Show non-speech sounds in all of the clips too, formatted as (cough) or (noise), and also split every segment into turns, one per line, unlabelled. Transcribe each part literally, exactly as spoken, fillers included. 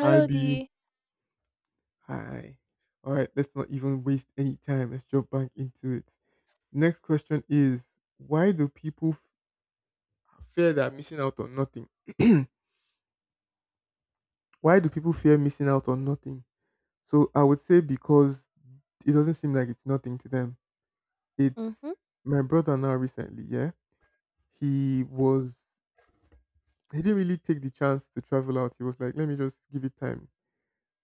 Hi
D.
B.
Halodi.
Hi. All right, let's not even waste any time. Let's jump back into it. Next question is, why do people f- fear they're missing out on nothing? (clears throat) why do people fear missing out on nothing? So I would say because it doesn't seem like it's nothing to them. It's
Mhm,
my brother now recently, yeah. He was he didn't really take the chance to travel out. He was like, let me just give it time.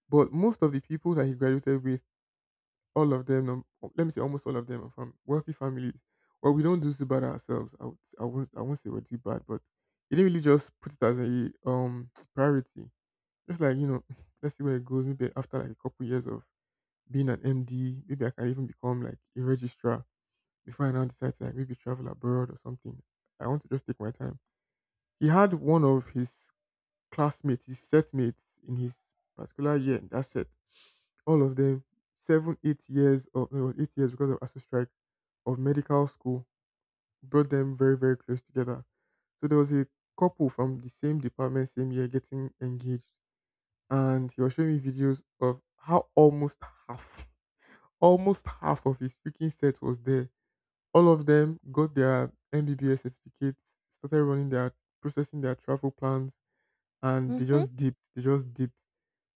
But most of the people that he graduated with, all of them, um, let me say almost all of them are from wealthy families. Well, we don't do so bad ourselves. I, would, I won't. I won't say we do bad, but he didn't really just put it as a um (tsk) priority. Just like you know, (laughs) (tsk) let's see where it goes. Maybe after like a couple years of being an M D, maybe I can even become like a registrar before I now decide to like maybe travel abroad or something. I want to just take my time. He had one of his classmate, his set mates, in his particular year in that set, all of them, seven, eight years of, no, eight years because of A S U strike of medical school, brought them very, very close together. So there was a couple from the same department, same year getting engaged. And he was showing me videos of how almost half, almost half of his freaking set was there. All of them got their M B B S certificates, started running their processing their travel plans, and they
mhm,
just dipped. They just dipped.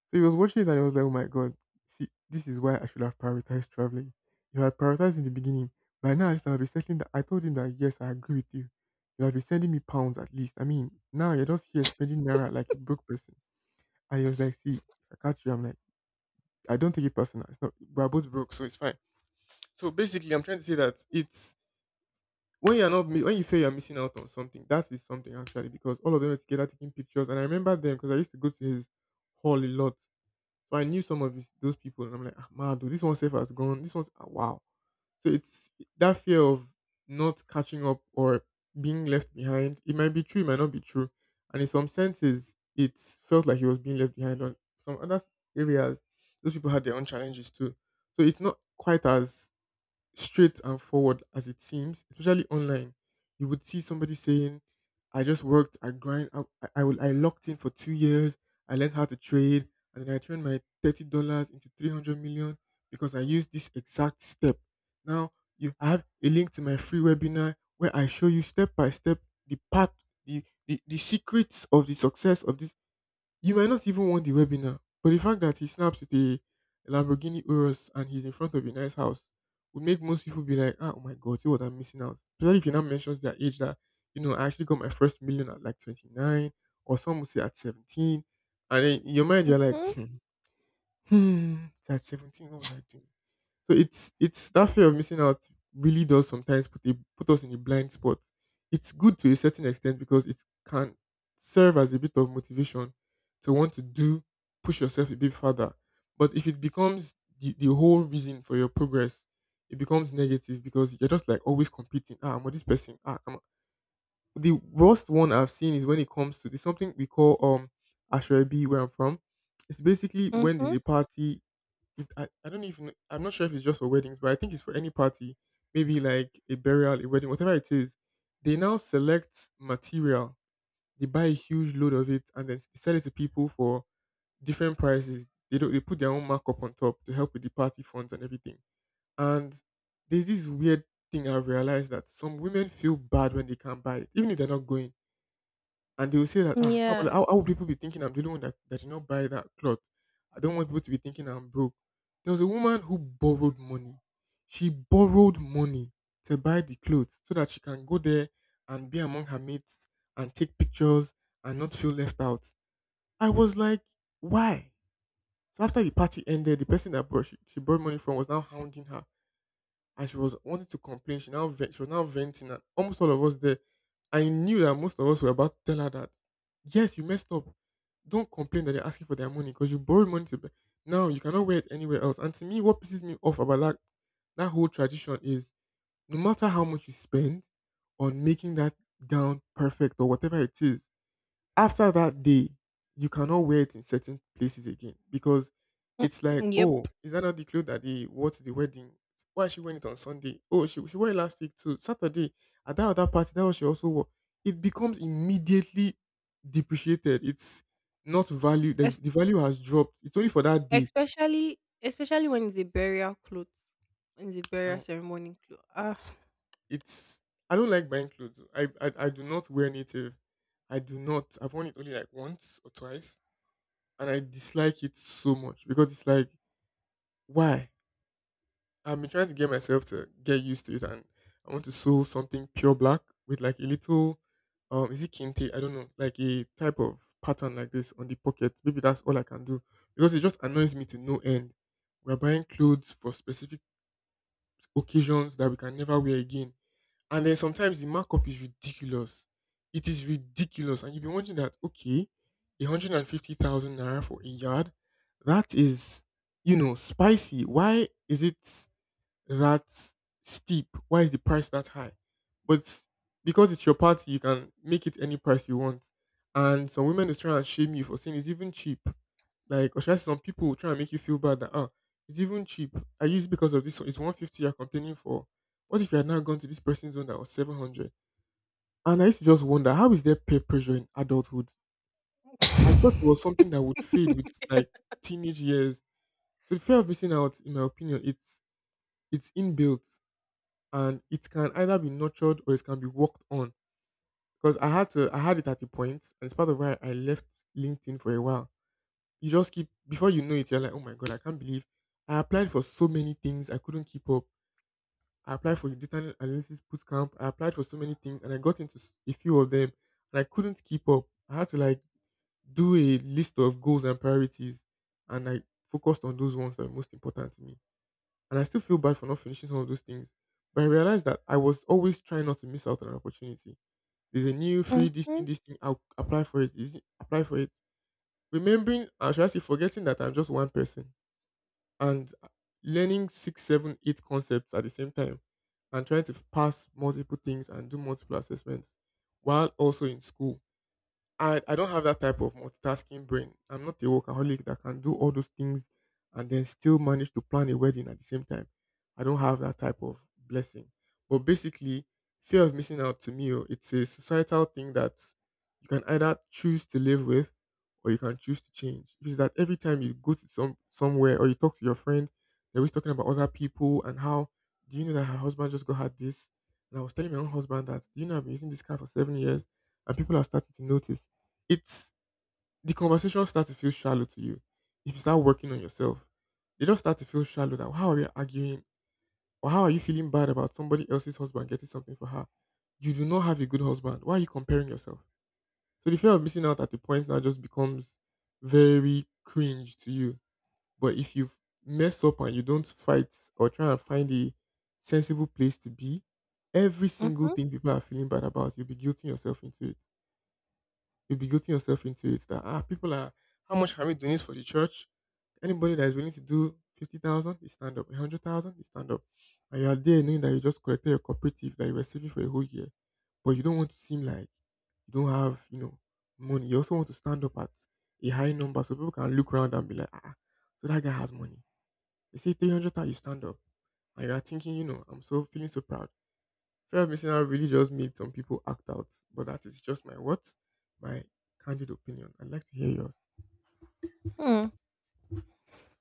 So he was watching it and he was like, oh my God, see, this is why I should have prioritized traveling. If I had prioritized in the beginning, by now at least I'll be settling that. I told him that, yes, I agree with you. You'll be sending me pounds at least. I mean, now you're just here spending naira like a broke person. And he was like, see, if I catch you, I'm like, I don't take it personal. It's not, we're both broke, so it's fine. So basically, I'm trying to say that it's when you're not, mi- when you feel you're missing out on something, that is something actually, because all of them were together taking pictures. And I remember them because I used to go to his hall a lot, so I knew some of his, those people, and I'm like, ah, man, dude, this one safe has gone. This one's, ah, wow. So it's that fear of not catching up or being left behind. It might be true, it might not be true, and in some senses, it felt like he was being left behind. On some other areas, those people had their own challenges too. So it's not quite as straight and forward as it seems. Especially online, you would see somebody saying, "I just worked, I grind, I I, I, will, I locked in for two years, I learned how to trade, and then I turned my thirty dollars into three hundred million because I used this exact step." Now you have a link to my free webinar where I show you step by step the path, the, the the secrets of the success of this. You might not even want the webinar, but the fact that he snaps with a Lamborghini Urus and he's in front of a nice house would make most people be like, ah, oh my God, see what I'm missing out. Especially if he now mentions their age that, you know, I actually got my first million at like twenty-nine, or some would say at seventeen. And then in your mind, you're like,
mhm,
hmm, hmm, so at seventeen, what was I doing? So it's it's that fear of missing out really does sometimes put a, put us in a blind spot. It's good to a certain extent because it can serve as a bit of motivation to want to do push yourself a bit further. But if it becomes the, the whole reason for your progress, it becomes negative because you're just like always competing. Ah, I'm with this person. Ah, I'm the worst one I've seen is when it comes to this something we call um Ashrebi where I'm from. It's basically when there's
mhm.
a party, it, I, I don't even I'm not sure if it's just for weddings, but I think it's for any party, maybe like a burial, a wedding, whatever it is. They now select material. They buy a huge load of it and then s- they sell it to people for different prices. They don't, they put their own markup on top to help with the party funds and everything. And there's this weird thing I've realized, that some women feel bad when they can't buy it, even if they're not going, and they will say that, ah, how, will- how,
Yes.
how would people be thinking I'm the only one that, that did not buy that cloth? I don't want people to be thinking I'm broke. There was a woman who borrowed money. She borrowed money to buy the clothes so that she can go there and be among her mates and take pictures and not feel left out. I was like, why? So after the party ended, the person that brought, she, she borrowed money from was now hounding her, and she was wanting to complain. She now ve- she was now venting, and almost all of us there. I knew that most of us were about to tell her that, yes, you messed up. Don't complain that they're asking for their money because you borrowed money to buy. Now you cannot wear it anywhere else. And to me, what pisses me off about that that whole tradition is, no matter how much you spend on making that gown perfect or whatever it is, after that day, you cannot wear it in certain places again because
Mm,
it's like,
mm, yep.
oh, is that not the clothes that they wore to the wedding? Why is she wearing it on Sunday? Oh, she, she wore it last week too. Saturday at that other party, that was she also wore. It becomes immediately depreciated. It's not value. The,
Es
the value has dropped. It's only for that day.
especially especially when it's a burial cloth, when it's a burial
Now
ceremony cloth. Ah.
it's I don't like buying clothes. I, I I do not wear native. I do not. I've worn it only like once or twice, and I dislike it so much because it's like, why? I've been trying to get myself to get used to it, and I want to sew something pure black with like a little, um, is it kente? I don't know, like a type of pattern like this on the pocket. Maybe that's all I can do because it just annoys me to no end. We're buying clothes for specific occasions that we can never wear again, and then sometimes the markup is ridiculous. It is ridiculous, and you've been wondering that, okay, a hundred and fifty thousand naira for a yard, that is, you know, spicy. Why is it that steep? Why is the price that high? But because it's your party, you can make it any price you want. And some women is trying to shame you for saying it's even cheap. Like, or should I say, some people will try and make you feel bad that, oh, it's even cheap. I use because of this, so it's one hundred fifty you're complaining for. What if you had now gone to this person's zone that was seven hundred? And I used to just wonder, how is there peer pressure in adulthood? I thought it was something that would fade with like teenage years. So the fear of missing out, in my opinion, it's it's inbuilt, and it can either be nurtured or it can be worked on. Because I had to, I had it at a point, and it's part of why I left LinkedIn for a while. You just keep, before you know it, you're like, oh my God, I can't believe I applied for so many things, I couldn't keep up. I applied for the data analysis bootcamp. I applied for so many things, and I got into s- a few of them, and I couldn't keep up. I had to like do a list of goals and priorities, and I focused on those ones that were most important to me, and I still feel bad for not finishing some of those things. But I realized that I was always trying not to miss out on an opportunity. There's a new free this thing,
Mhm,
this thing, I'll apply for it. Is it apply for it? Remembering, or should I say, forgetting that I'm just one person and uh, learning six, seven, eight concepts at the same time, and trying to pass multiple things and do multiple assessments while also in school. I, I don't have that type of multitasking brain. I'm not a workaholic that can do all those things and then still manage to plan a wedding at the same time. I don't have that type of blessing. But basically, fear of missing out to me, oh, it's a societal thing that you can either choose to live with or you can choose to change, which is that every time you go to some somewhere or you talk to your friend, they're always talking about other people and how, do you know that her husband just got had this? And I was telling my own husband that, do you know I've been using this car for seven years and people are starting to notice it's the conversation starts to feel shallow to you if you start working on yourself. They just start to feel shallow that how are you arguing or how are you feeling bad about somebody else's husband getting something for her? You do not have a good husband. Why are you comparing yourself? So the fear of missing out at the point now just becomes very cringe to you. But if you mess up and you don't fight or try and find a sensible place to be, every single
mhm,
thing people are feeling bad about, you'll be guilting yourself into it you'll be guilting yourself into it that, ah, people are how much can we donate for the church? Anybody that is willing to do fifty thousand, they stand up. A hundred thousand, they stand up. And you are there knowing that you just collected your cooperative that you were saving for a whole year, but you don't want to seem like you don't have, you know, money. You also want to stand up at a high number so people can look around and be like, ah, so that guy has money. They say three hundred thousand, you stand up, and you are thinking, you know, I'm so feeling so proud. Fear of missing out really just made some people act out, but that is just my what? My candid opinion. I'd like to hear yours.
hmm.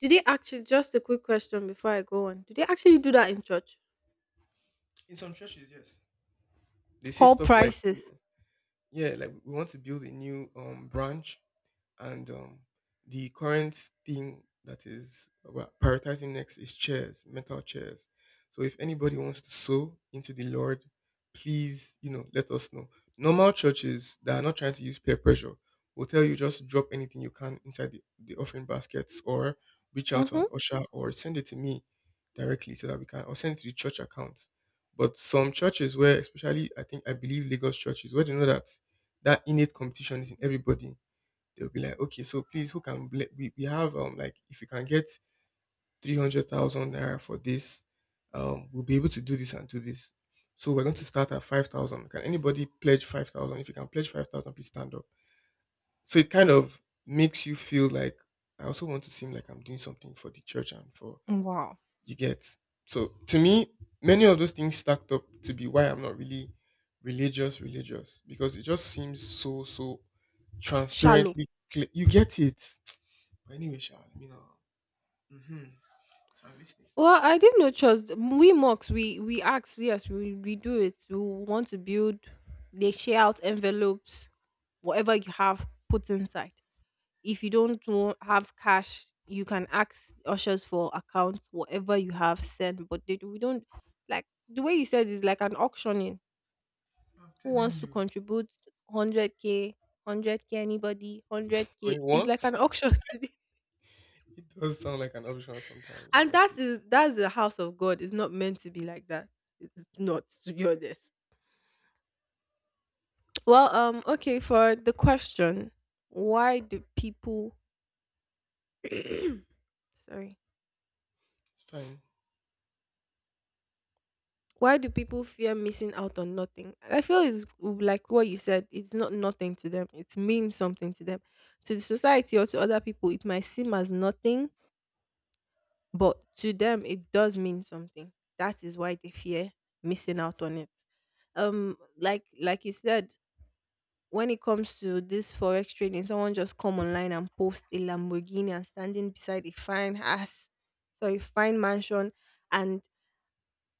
Do they actually just a quick question before I go on. Do they actually do that in church?
In some churches, yes, they say
Call
stuff like, you
prices.
know, yeah, like we want to build a new um branch. And um, the current thing that is about prioritizing next is chairs, metal chairs. So if anybody wants to sow into the Lord, please, you know, let us know. Normal churches that are not trying to use peer pressure will tell you just drop anything you can inside the, the offering baskets or reach out to an
Mhm.
usher or send it to me directly so that we can, or send it to the church account. But some churches, where especially I think I believe Lagos churches where they know that that innate competition is in everybody, they'll be like, okay, so please, who can ble- we we have um like, if you can get three hundred thousand naira for this, um, we'll be able to do this and do this. So we're going to start at five thousand. Can anybody pledge five thousand? If you can pledge five thousand, please stand up. So it kind of makes you feel like, I also want to seem like I'm doing something for the church and for,
Wow.
you get. So to me, many of those things stacked up to be why I'm not really religious, religious, because it just seems so so
Shallow.
transparently clear. You get it. But anyway, Sha, let me know. Mm-hmm. So I'm listening.
Well, I didn't know trust. We mocks, we we ask, yes, we we do it. We want to build. They share out envelopes, whatever you have, put inside. If you don't wa- have cash, you can ask ushers for accounts. Whatever you have, send. But they, do- we don't like the way you said. Is like an auctioning.
I'm
Who
telling
wants to
you.
contribute hundred k, hundred k? Anybody, hundred k?
Going
It's like
once?
an auction. (laughs) to be
It does sound like an option sometimes,
And that
honestly.
is, that's the house of God. It's not meant to be like that. It's not, to be honest. Well, um, okay, for the question, why do people (clears throat) sorry.
It's fine.
Why do people fear missing out on nothing? I feel it's like what you said, it's not nothing to them. It means something to them. To the society or to other people, it might seem as nothing, but to them it does mean something. That is why they fear missing out on it, um like like you said, when it comes to this forex trading, someone just come online and post a Lamborghini and standing beside a fine house, sorry, fine mansion, and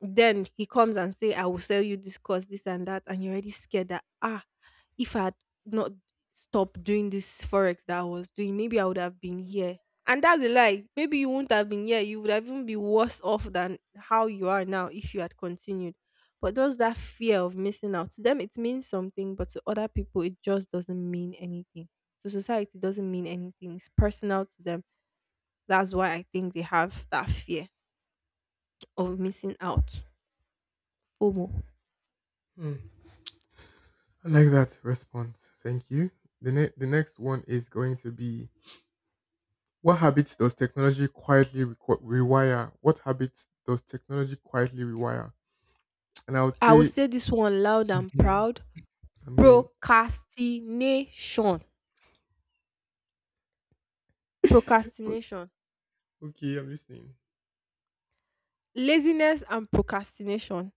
then he comes and say, I will sell you this course, this and that, and you're already scared that, ah, if I had not stopped doing this forex that I was doing, maybe I would have been here. And that's a lie. Maybe you wouldn't have been here. You would have even be worse off than how you are now if you had continued. But there's that fear of missing out. To them it means something, but to other people it just doesn't mean anything. To society it doesn't mean anything. It's personal to them. That's why I think they have that fear of missing out. FOMO.
Hmm. I like that response. Thank you. The, ne- the next one is going to be: what habits does technology quietly requ- rewire? What habits does technology quietly rewire? And I would
I will
say,
say this one loud and
mhm.
proud.
I'm hearing.
Procrastination.
(laughs) O-
Procrastination.
okay, I'm listening.
Laziness and procrastination.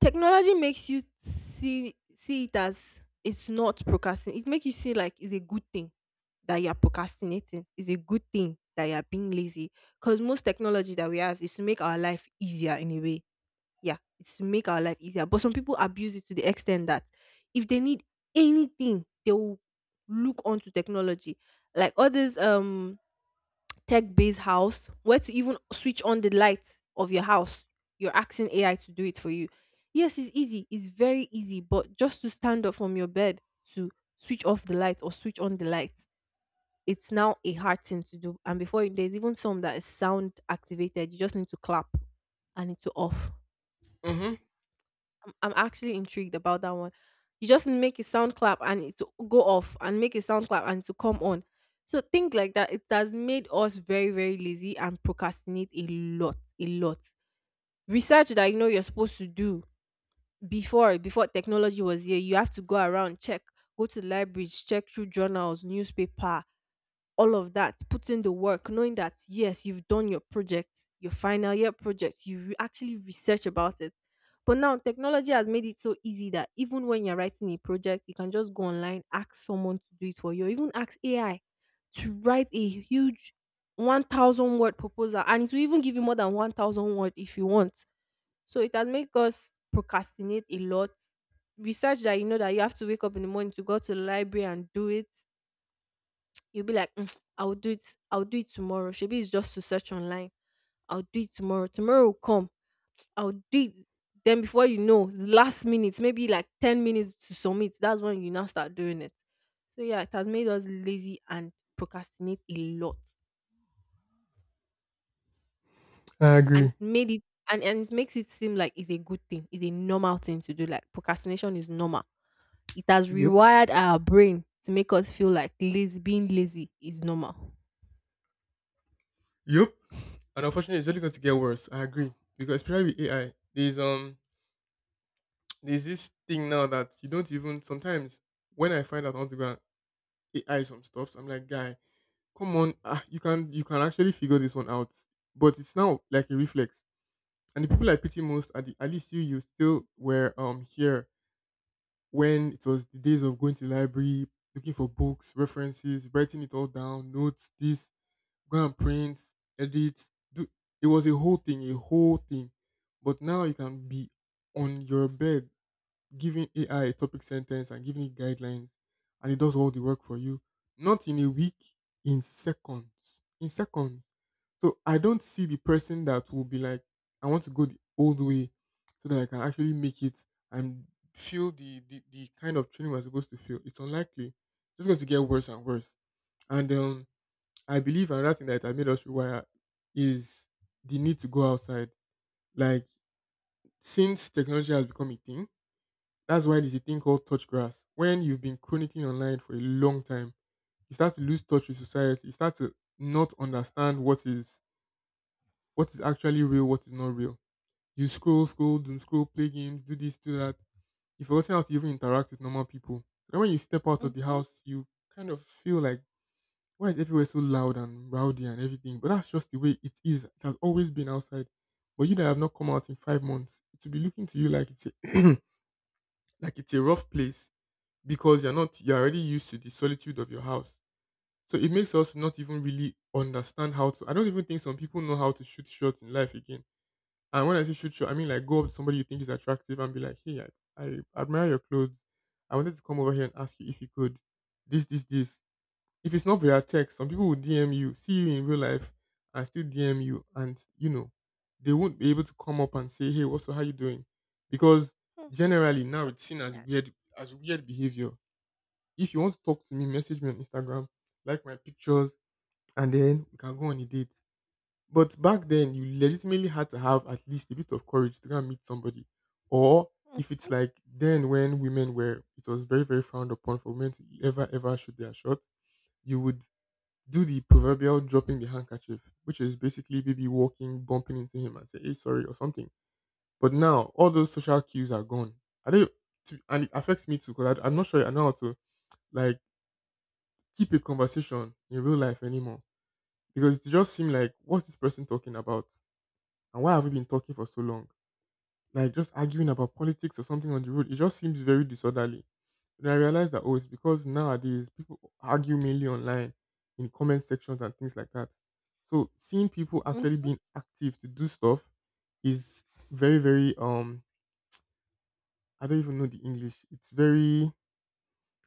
Technology makes you see see it as it's not procrastinating. It makes you see like it's a good thing that you are procrastinating. It's a good thing that you are being lazy. Because most technology that we have is to make our life easier in a way. Yeah, it's to make our life easier. But some people abuse it to the extent that if they need anything, they will look onto technology. Like all this um tech based house, where to even switch on the lights of your house, you're asking A I to do it for you. Yes, it's easy. It's very easy, but just to stand up from your bed to switch off the light or switch on the lights, it's now a hard thing to do. And before it, there's even some that is sound activated. You just need to clap and it's off.
Mm-hmm.
I'm I'm actually intrigued about that one. You just make a sound clap and it to go off, and make a sound clap and to come on. So things like that, it has made us very, very lazy and procrastinate a lot, a lot. Research that you know you're supposed to do, before before technology was here, you have to go around, check, go to libraries, check through journals, newspaper, all of that, put in the work, knowing that yes, you've done your project, your final year project, you re- actually research about it. But now technology has made it so easy that even when you're writing a project, you can just go online, ask someone to do it for you, or even ask A I to write a huge one thousand word proposal, and it will even give you more than one thousand word if you want. So it has made us procrastinate a lot. Research that you know that you have to wake up in the morning to go to the library and do it, you'll be like, "Mm, I'll do it. I'll do it tomorrow. Maybe it's just to search online. I'll do it tomorrow. Tomorrow will come. I'll do it." Then before you know, the last minute, maybe like ten minutes to submit, that's when you now start doing it. So yeah, it has made us lazy and procrastinate a lot.
I
And
agree.
made it, and, and it makes it seem like it's a good thing, it's a normal thing to do. Like procrastination is normal. It has
Yep.
rewired our brain to make us feel like lazy, being lazy is normal.
Yep, and unfortunately, it's only going to get worse. I agree, because especially with A I, there's um there's this thing now that you don't even sometimes, when I find out I want to go and A I some stuff, I'm like, guy, come on, ah, you can you can actually figure this one out. But it's now like a reflex, and the people I pity most are the, at least you you still were um here when it was the days of going to the library, looking for books, references, writing it all down, notes, this, go and print, edit, do. It was a whole thing, a whole thing. But now you can be on your bed giving A I a topic sentence and giving it guidelines, and it does all the work for you. Not in a week, in seconds. In seconds. So I don't see the person that will be like, I want to go the old way so that I can actually make it and feel the, the, the kind of training we're supposed to feel. It's unlikely. It's just going to get worse and worse. And um, I believe another thing that it made us rewire is the need to go outside. Like, since technology has become a thing, that's why there's a thing called touch grass. When you've been chronicling online for a long time, you start to lose touch with society. You start to not understand what is what is actually real, what is not real. You scroll, scroll, doom scroll, play games, do this, do that. You've forgotten how to even interact with normal people. So then when you step out of the
Mm-hmm.
house, you kind of feel like, why is everywhere so loud and rowdy and everything? But that's just the way it is. It has always been outside. But you that have not come out in five months, it will be looking to you like it's a (clears throat) like it's a rough place because you're not you're already used to the solitude of your house. So it makes us not even really understand how to. I don't even think some people know how to shoot shots in life again. And when I say shoot shot, I mean like go up to somebody you think is attractive and be like, hey, I, I admire your clothes. I wanted to come over here and ask you if you could this, this, this. If it's not via text, some people will D M you, see you in real life, and still D M you, and you know they won't be able to come up and say, "Hey, what's up? How you doing?" Because generally now
Shut
it's seen as
that.
weird as weird behavior. If you want to talk to me, message me on Instagram, like my pictures, and then we can go on a date. But back then, you legitimately had to have at least a bit of courage to go and meet somebody, or, if it's like then when women were, it was very very frowned upon for women to ever ever shoot their shots. You would do the proverbial dropping the handkerchief, which is basically maybe walking, bumping into him and say, hey, sorry, or something. But now all those social cues are gone. I don't, to- and it affects me too because I'm not sure I know how to, like, keep a conversation in real life anymore because it just seems like, what's this person talking about and why have we been talking for so long? Like, just arguing about politics or something on the road. It just seems very disorderly. Then I realized that, oh, it's because nowadays people argue mainly online in comment sections and things like that. So seeing people actually
Mm-hmm.
being active to do stuff is very, very, um I don't even know the English. It's very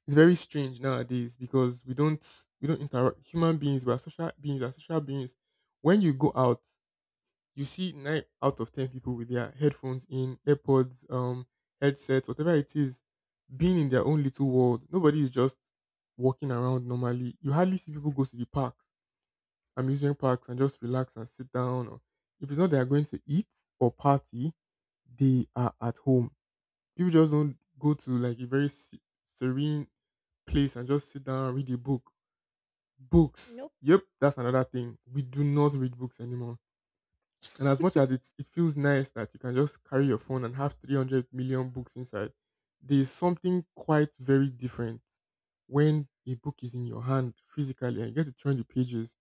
it's very strange nowadays, because we don't we don't interact. Human beings, we are social beings, we are social beings. When you go out, you see nine out of ten people with their headphones in, AirPods, um, headsets, whatever it is, being in their own little world. Nobody is just walking around normally. You hardly see people go to the parks, amusement parks, and just relax and sit down. Or if it's not they are going to eat or party, they are at home. People just don't go to like a very se- serene place and just sit down and read a book. Books.
Nope.
Yep, that's another thing. We do not read books anymore, and as much as it, it feels nice that you can just carry your phone and have 300 million books inside, there's something quite very different when a book is in your hand physically and you get to turn the pages.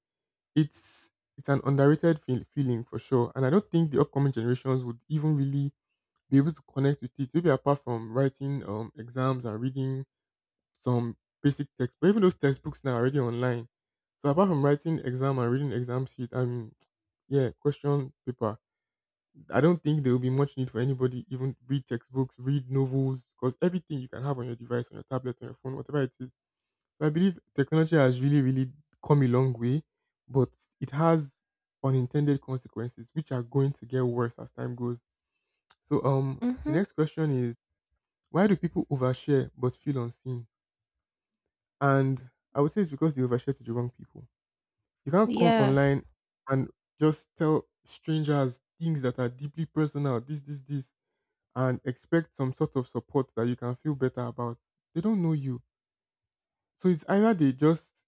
It's it's an underrated feel, feeling for sure. And I don't think the upcoming generations would even really be able to connect with it, maybe apart from writing um, exams and reading some basic text. But even those textbooks now are already online. So apart from writing exam and reading exam sheet, I mean, yeah, question paper, I don't think there will be much need for anybody even read textbooks, read novels, because everything you can have on your device, on your tablet, on your phone, whatever it is. So I believe technology has really, really come a long way, but it has unintended consequences which are going to get worse as time goes. So um the
Mm-hmm.
next question is, why do people overshare but feel unseen? And I would say it's because they overshare to the wrong people. You can't come
Yes,
online and just tell strangers things that are deeply personal, this, this, this and expect some sort of support that you can feel better about. They don't know you. So it's either they just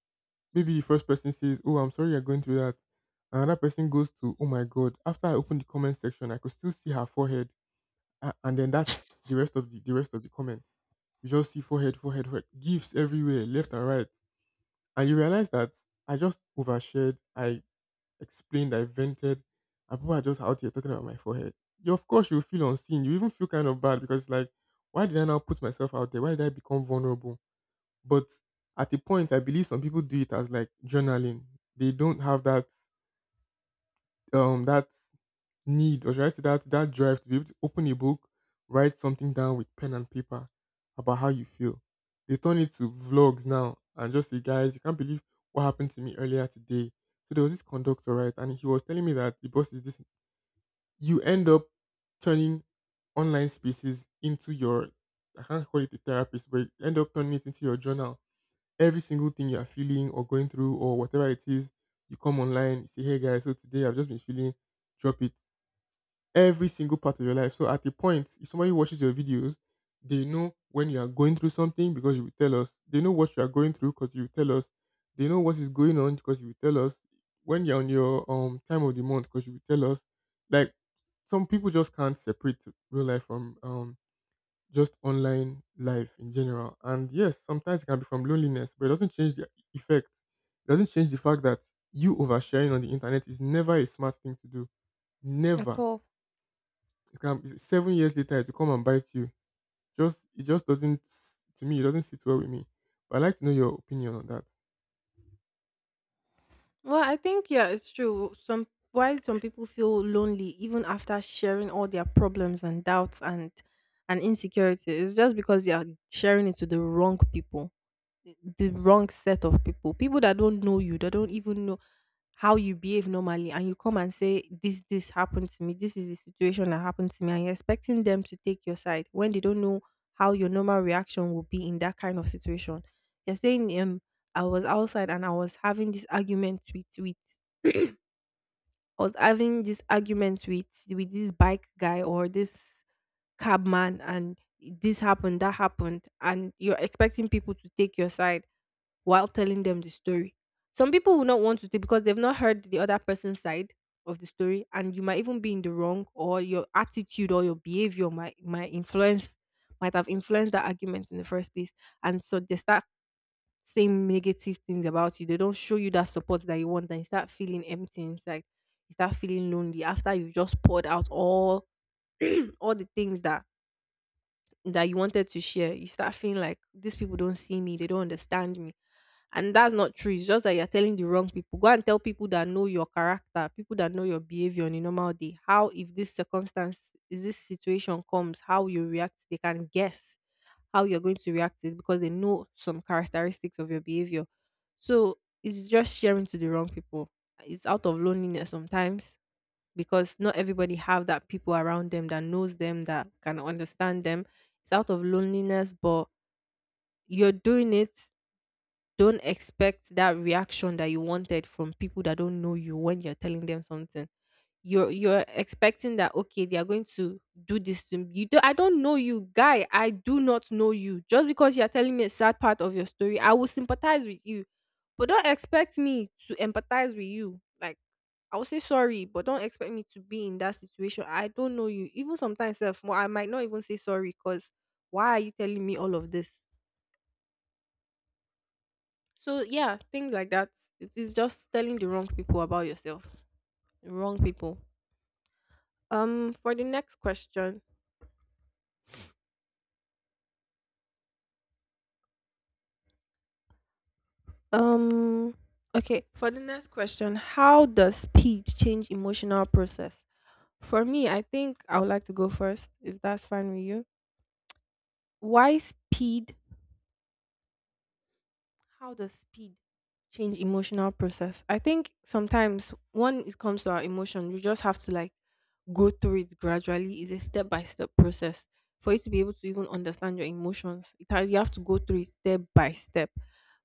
maybe the first person says, "Oh, I'm sorry you're going through that." Another person goes to, "Oh my god, after I opened the comment section, I could still see her forehead." A- And then that's the rest of the the rest of the comments. You just see forehead, forehead, forehead, gifts everywhere, left and right. And you realize that I just overshared. I explained, I vented, and people are just out here talking about my forehead. You, of course you feel unseen. You even feel kind of bad because it's like, why did I now put myself out there? Why did I become vulnerable? But at a point, I believe some people do it as like journaling. They don't have that um that need, or should I say that that drive to be able to open a book, write something down with pen and paper about how you feel. They turn it to vlogs now and just say, "Guys, you can't believe what happened to me earlier today. So there was this conductor, right? And he was telling me that the boss is this." You end up turning online spaces into your, I can't call it a therapist, but you end up turning it into your journal. Every single thing you are feeling or going through or whatever it is, you come online, you say, "Hey guys, so today I've just been feeling," drop it, every single part of your life. So at a point, if somebody watches your videos, they know when you are going through something because you will tell us. They know what you are going through because you will tell us. They know what is going on because you will tell us. When you're on your um time of the month because you will tell us. Like, some people just can't separate real life from um just online life in general. And yes, sometimes it can be from loneliness, but it doesn't change the effect. It doesn't change the fact that you oversharing on the internet is never a smart thing to do.
at
Never.
all.
It can be seven years later, it will come and bite you. Just, it just doesn't, to me it doesn't sit well with me. But I like to know your opinion on that.
Well, I think, yeah, it's true. Some, why some people feel lonely even after sharing all their problems and doubts and and insecurities, is just because they are sharing it to the wrong people. The wrong set of people, people that don't know you, that don't even know how you behave normally, and you come and say this, this happened to me, this is the situation that happened to me, and you're expecting them to take your side when they don't know how your normal reaction will be in that kind of situation. You're saying, um I was outside and I was having this argument with with (clears throat) I was having this argument with with this bike guy or this cab man, and this happened, that happened, and you're expecting people to take your side while telling them the story. Some people will not want to take because they've not heard the other person's side of the story, and you might even be in the wrong, or your attitude or your behavior might might influence, might have influenced that argument in the first place, and so they start saying negative things about you. They don't show you that support that you want, and you start feeling empty inside. You start feeling lonely after you just poured out all all the things that that you wanted to share. You start feeling like these people don't see me, they don't understand me. And that's not true. It's just that you're telling the wrong people. Go and tell people that know your character, people that know your behavior on a normal day, how if this circumstance, if this situation comes, how you react, they can guess how you're going to react to it because they know some characteristics of your behavior. So it's just sharing to the wrong people. It's out of loneliness sometimes, because not everybody have that people around them that knows them, that can understand them. It's out of loneliness, but you're doing it. Don't expect that reaction that you wanted from people that don't know you when you're telling them something. You're you're expecting that, okay, they are going to do this to me. You do, I don't know you, guy. I do not know you. Just because you're telling me a sad part of your story, I will sympathize with you, but don't expect me to empathize with you. Like, I will say sorry, but don't expect me to be in that situation. I don't know you. Even sometimes self, I might not even say sorry, because why are you telling me all of this? So yeah, things like that. It is just telling the wrong people about yourself. Wrong people. Um for the next question, Um okay, for the next question, how does speed change emotional process? For me, I think I would like to go first if that's fine with you. Why speed? How does speed change emotional process? I think sometimes when it comes to our emotion, you just have to like go through it gradually. It's a step by step process for you to be able to even understand your emotions. It ha- you have to go through it step by step.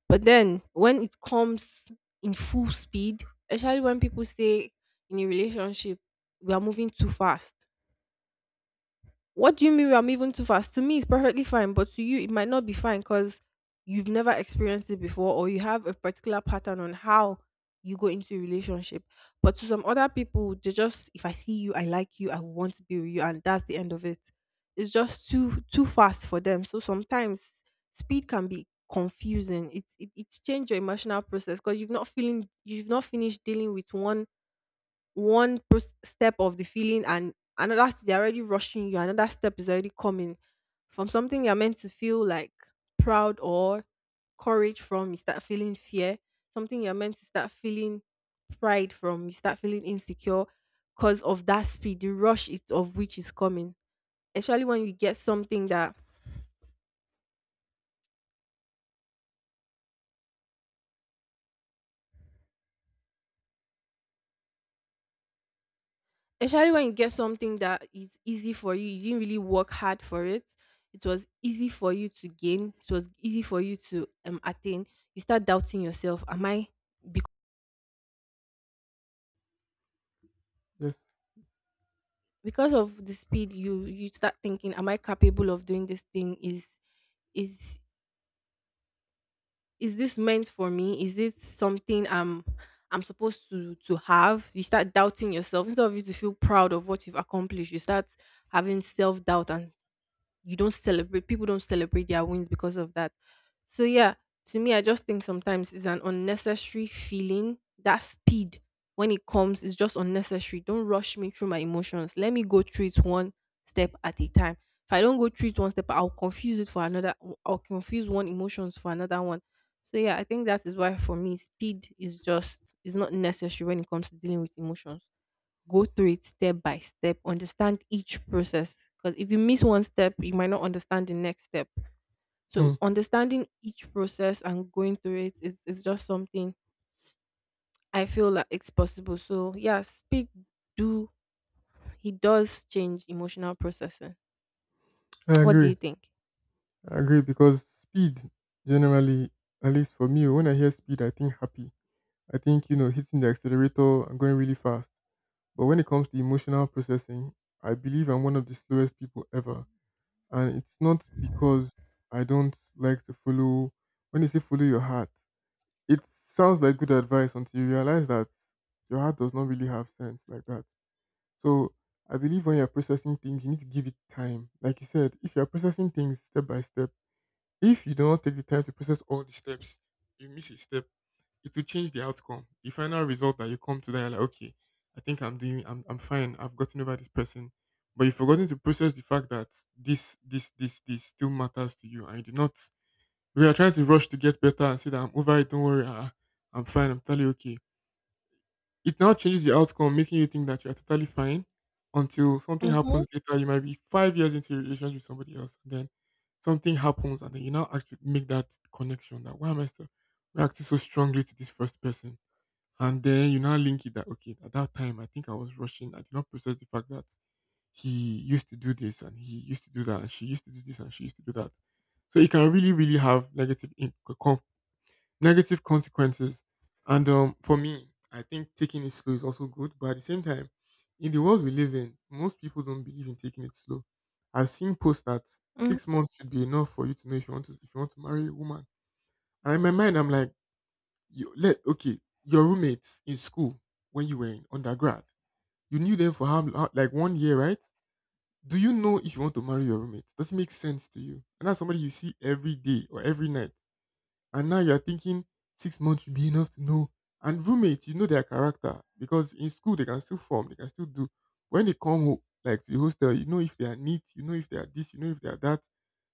But then when it comes in full speed, especially when people say in a relationship we are moving too fast, what do you mean I'm even too fast? To me, it's perfectly fine, but to you, it might not be fine because you've never experienced it before, or you have a particular pattern on how you go into a relationship. But to some other people, they just, if I see you, I like you, I want to be with you, and that's the end of it. It's just too too fast for them. So sometimes speed can be confusing. It's it, it's changed your emotional process because you've not feeling, you've not finished dealing with one one pros- step of the feeling, and another st- they're already rushing you. Another step is already coming. From something you're meant to feel like proud or courage from, you start feeling fear. Something you're meant to start feeling pride from, you start feeling insecure because of that speed, the rush is, of which is coming. Especially when you get something that, especially when you get something that is easy for you, you didn't really work hard for it, it was easy for you to gain, it was easy for you to, um, attain, you start doubting yourself. Am I bec-
Yes.
because of the speed, you you start thinking, am I capable of doing this thing? is is is this meant for me? Is it something i'm i'm supposed to to have? You start doubting yourself. Instead of you to feel proud of what you've accomplished, you start having self-doubt, and you don't celebrate, people don't celebrate their wins because of that. So yeah, to me, I just think sometimes it's an unnecessary feeling. That speed when it comes is just unnecessary. Don't rush me through my emotions. Let me go through it one step at a time. If I don't go through it one step, I'll confuse it for another. I'll confuse one emotions for another one. So yeah, I think that is why, for me, speed is just is not necessary when it comes to dealing with emotions. Go through it step by step, understand each process. Because if you miss one step, you might not understand the next step.
Hmm.
So understanding each process and going through it is, is just something I feel like it's possible. So yeah, speak do he does change emotional processing.
I
What do
agree.
you think?
I agree because speed generally, at least for me, when I hear speed, I think happy. I think, you know, hitting the accelerator and going really fast. But when it comes to emotional processing, I believe I'm one of the slowest people ever, and it's not because I don't like to follow. When they say follow your heart, it sounds like good advice until you realize that your heart does not really have sense like that. So I believe when you're processing things, you need to give it time. Like you said, if you're processing things step by step, if you do not take the time to process all the steps, you miss a step, it will change the outcome. The final result that you come to, that you're like, okay, I think I'm doing I'm I'm fine, I've gotten over this person. But you've forgotten to process the fact that this this this this still matters to you, and you do not, because you're trying to rush to get better and say that I'm over it, don't worry, ah, I'm fine, I'm totally okay. It now changes the outcome, making you think that you're totally fine until something
Mm-hmm.
happens later. You might be five years into your relationship with somebody else, and then something happens, and then you now actually make that connection, that why am I still reacting so strongly to this first person? And then you now link it that, okay, at that time I think I was rushing. I did not process the fact that he used to do this and he used to do that, and she used to do this and she used to do that. So it can really, really have negative in- negative consequences. And um, For me, I think taking it slow is also good. But at the same time, in the world we live in, most people don't believe in taking it slow. I've seen posts that six months should be enough for you to know if you want to if you want to marry a woman. And in my mind, I'm like, you let okay, your roommates in school when you were in undergrad, you knew them for how how- like one year, right? Do you know if you want to marry your roommate? Does it make sense to you? And that's somebody you see every day or every night. And now you're thinking six months should be enough to know. And roommates, you know their character because in school they can still form, they can still do. When they come home, like to the hostel, you know if they are neat, you know if they are this, you know if they are that.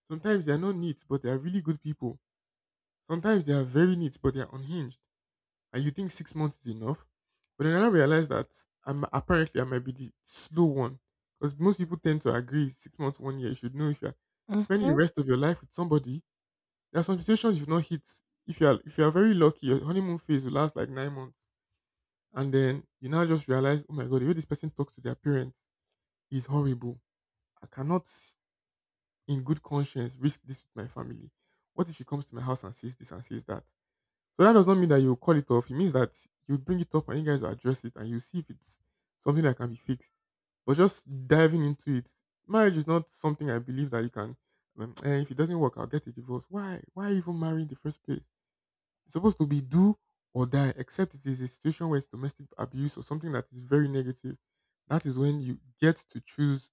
Sometimes they are not neat, but they are really good people. Sometimes they are very neat, but they are unhinged. And you think six months is enough, but then I now realize that I'm apparently, I might be the slow one, because most people tend to agree six months, one year. You should know if you're spending the rest of your life with somebody. There are some situations you've not hit. If you are, if you are very lucky, your honeymoon phase will last like nine months, and then you now just realize, oh my god, the way this person talks to their parents is horrible. I cannot, s- in good conscience, risk this with my family. What if she comes to my house and says this and says that? So that does not mean that you call it off. It means that you bring it up and you guys will address it, and you see if it's something that can be fixed. But just diving into it, marriage is not something I believe that you can. Um, eh, if it doesn't work, I'll get a divorce. Why? Why even marry in the first place? It's supposed to be do or die, except it is a situation where it's domestic abuse or something that is very negative. That is when you get to choose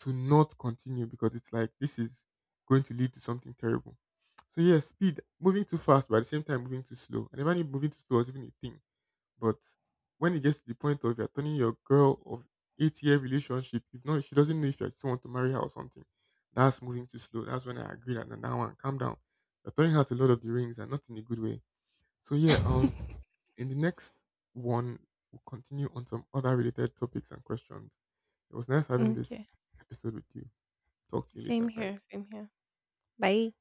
to not continue because it's like, this is going to lead to something terrible. So yeah, speed, moving too fast, but at the same time moving too slow. I never knew moving too slow was even a thing. But when it gets to the point of you're turning your girl of eight year relationship, if not she doesn't know if you still want to marry her or something, that's moving too slow. That's when I agree that now one calm down. You're turning out a lot of the rings, and not in a good way. so yeah, um,
Mm-hmm. (laughs)
in the next one, we'll continue on some other related topics and questions. It was nice having this
Okay.
episode with you. Talk to you
Same
later. Bye.
here. Same here. Bye.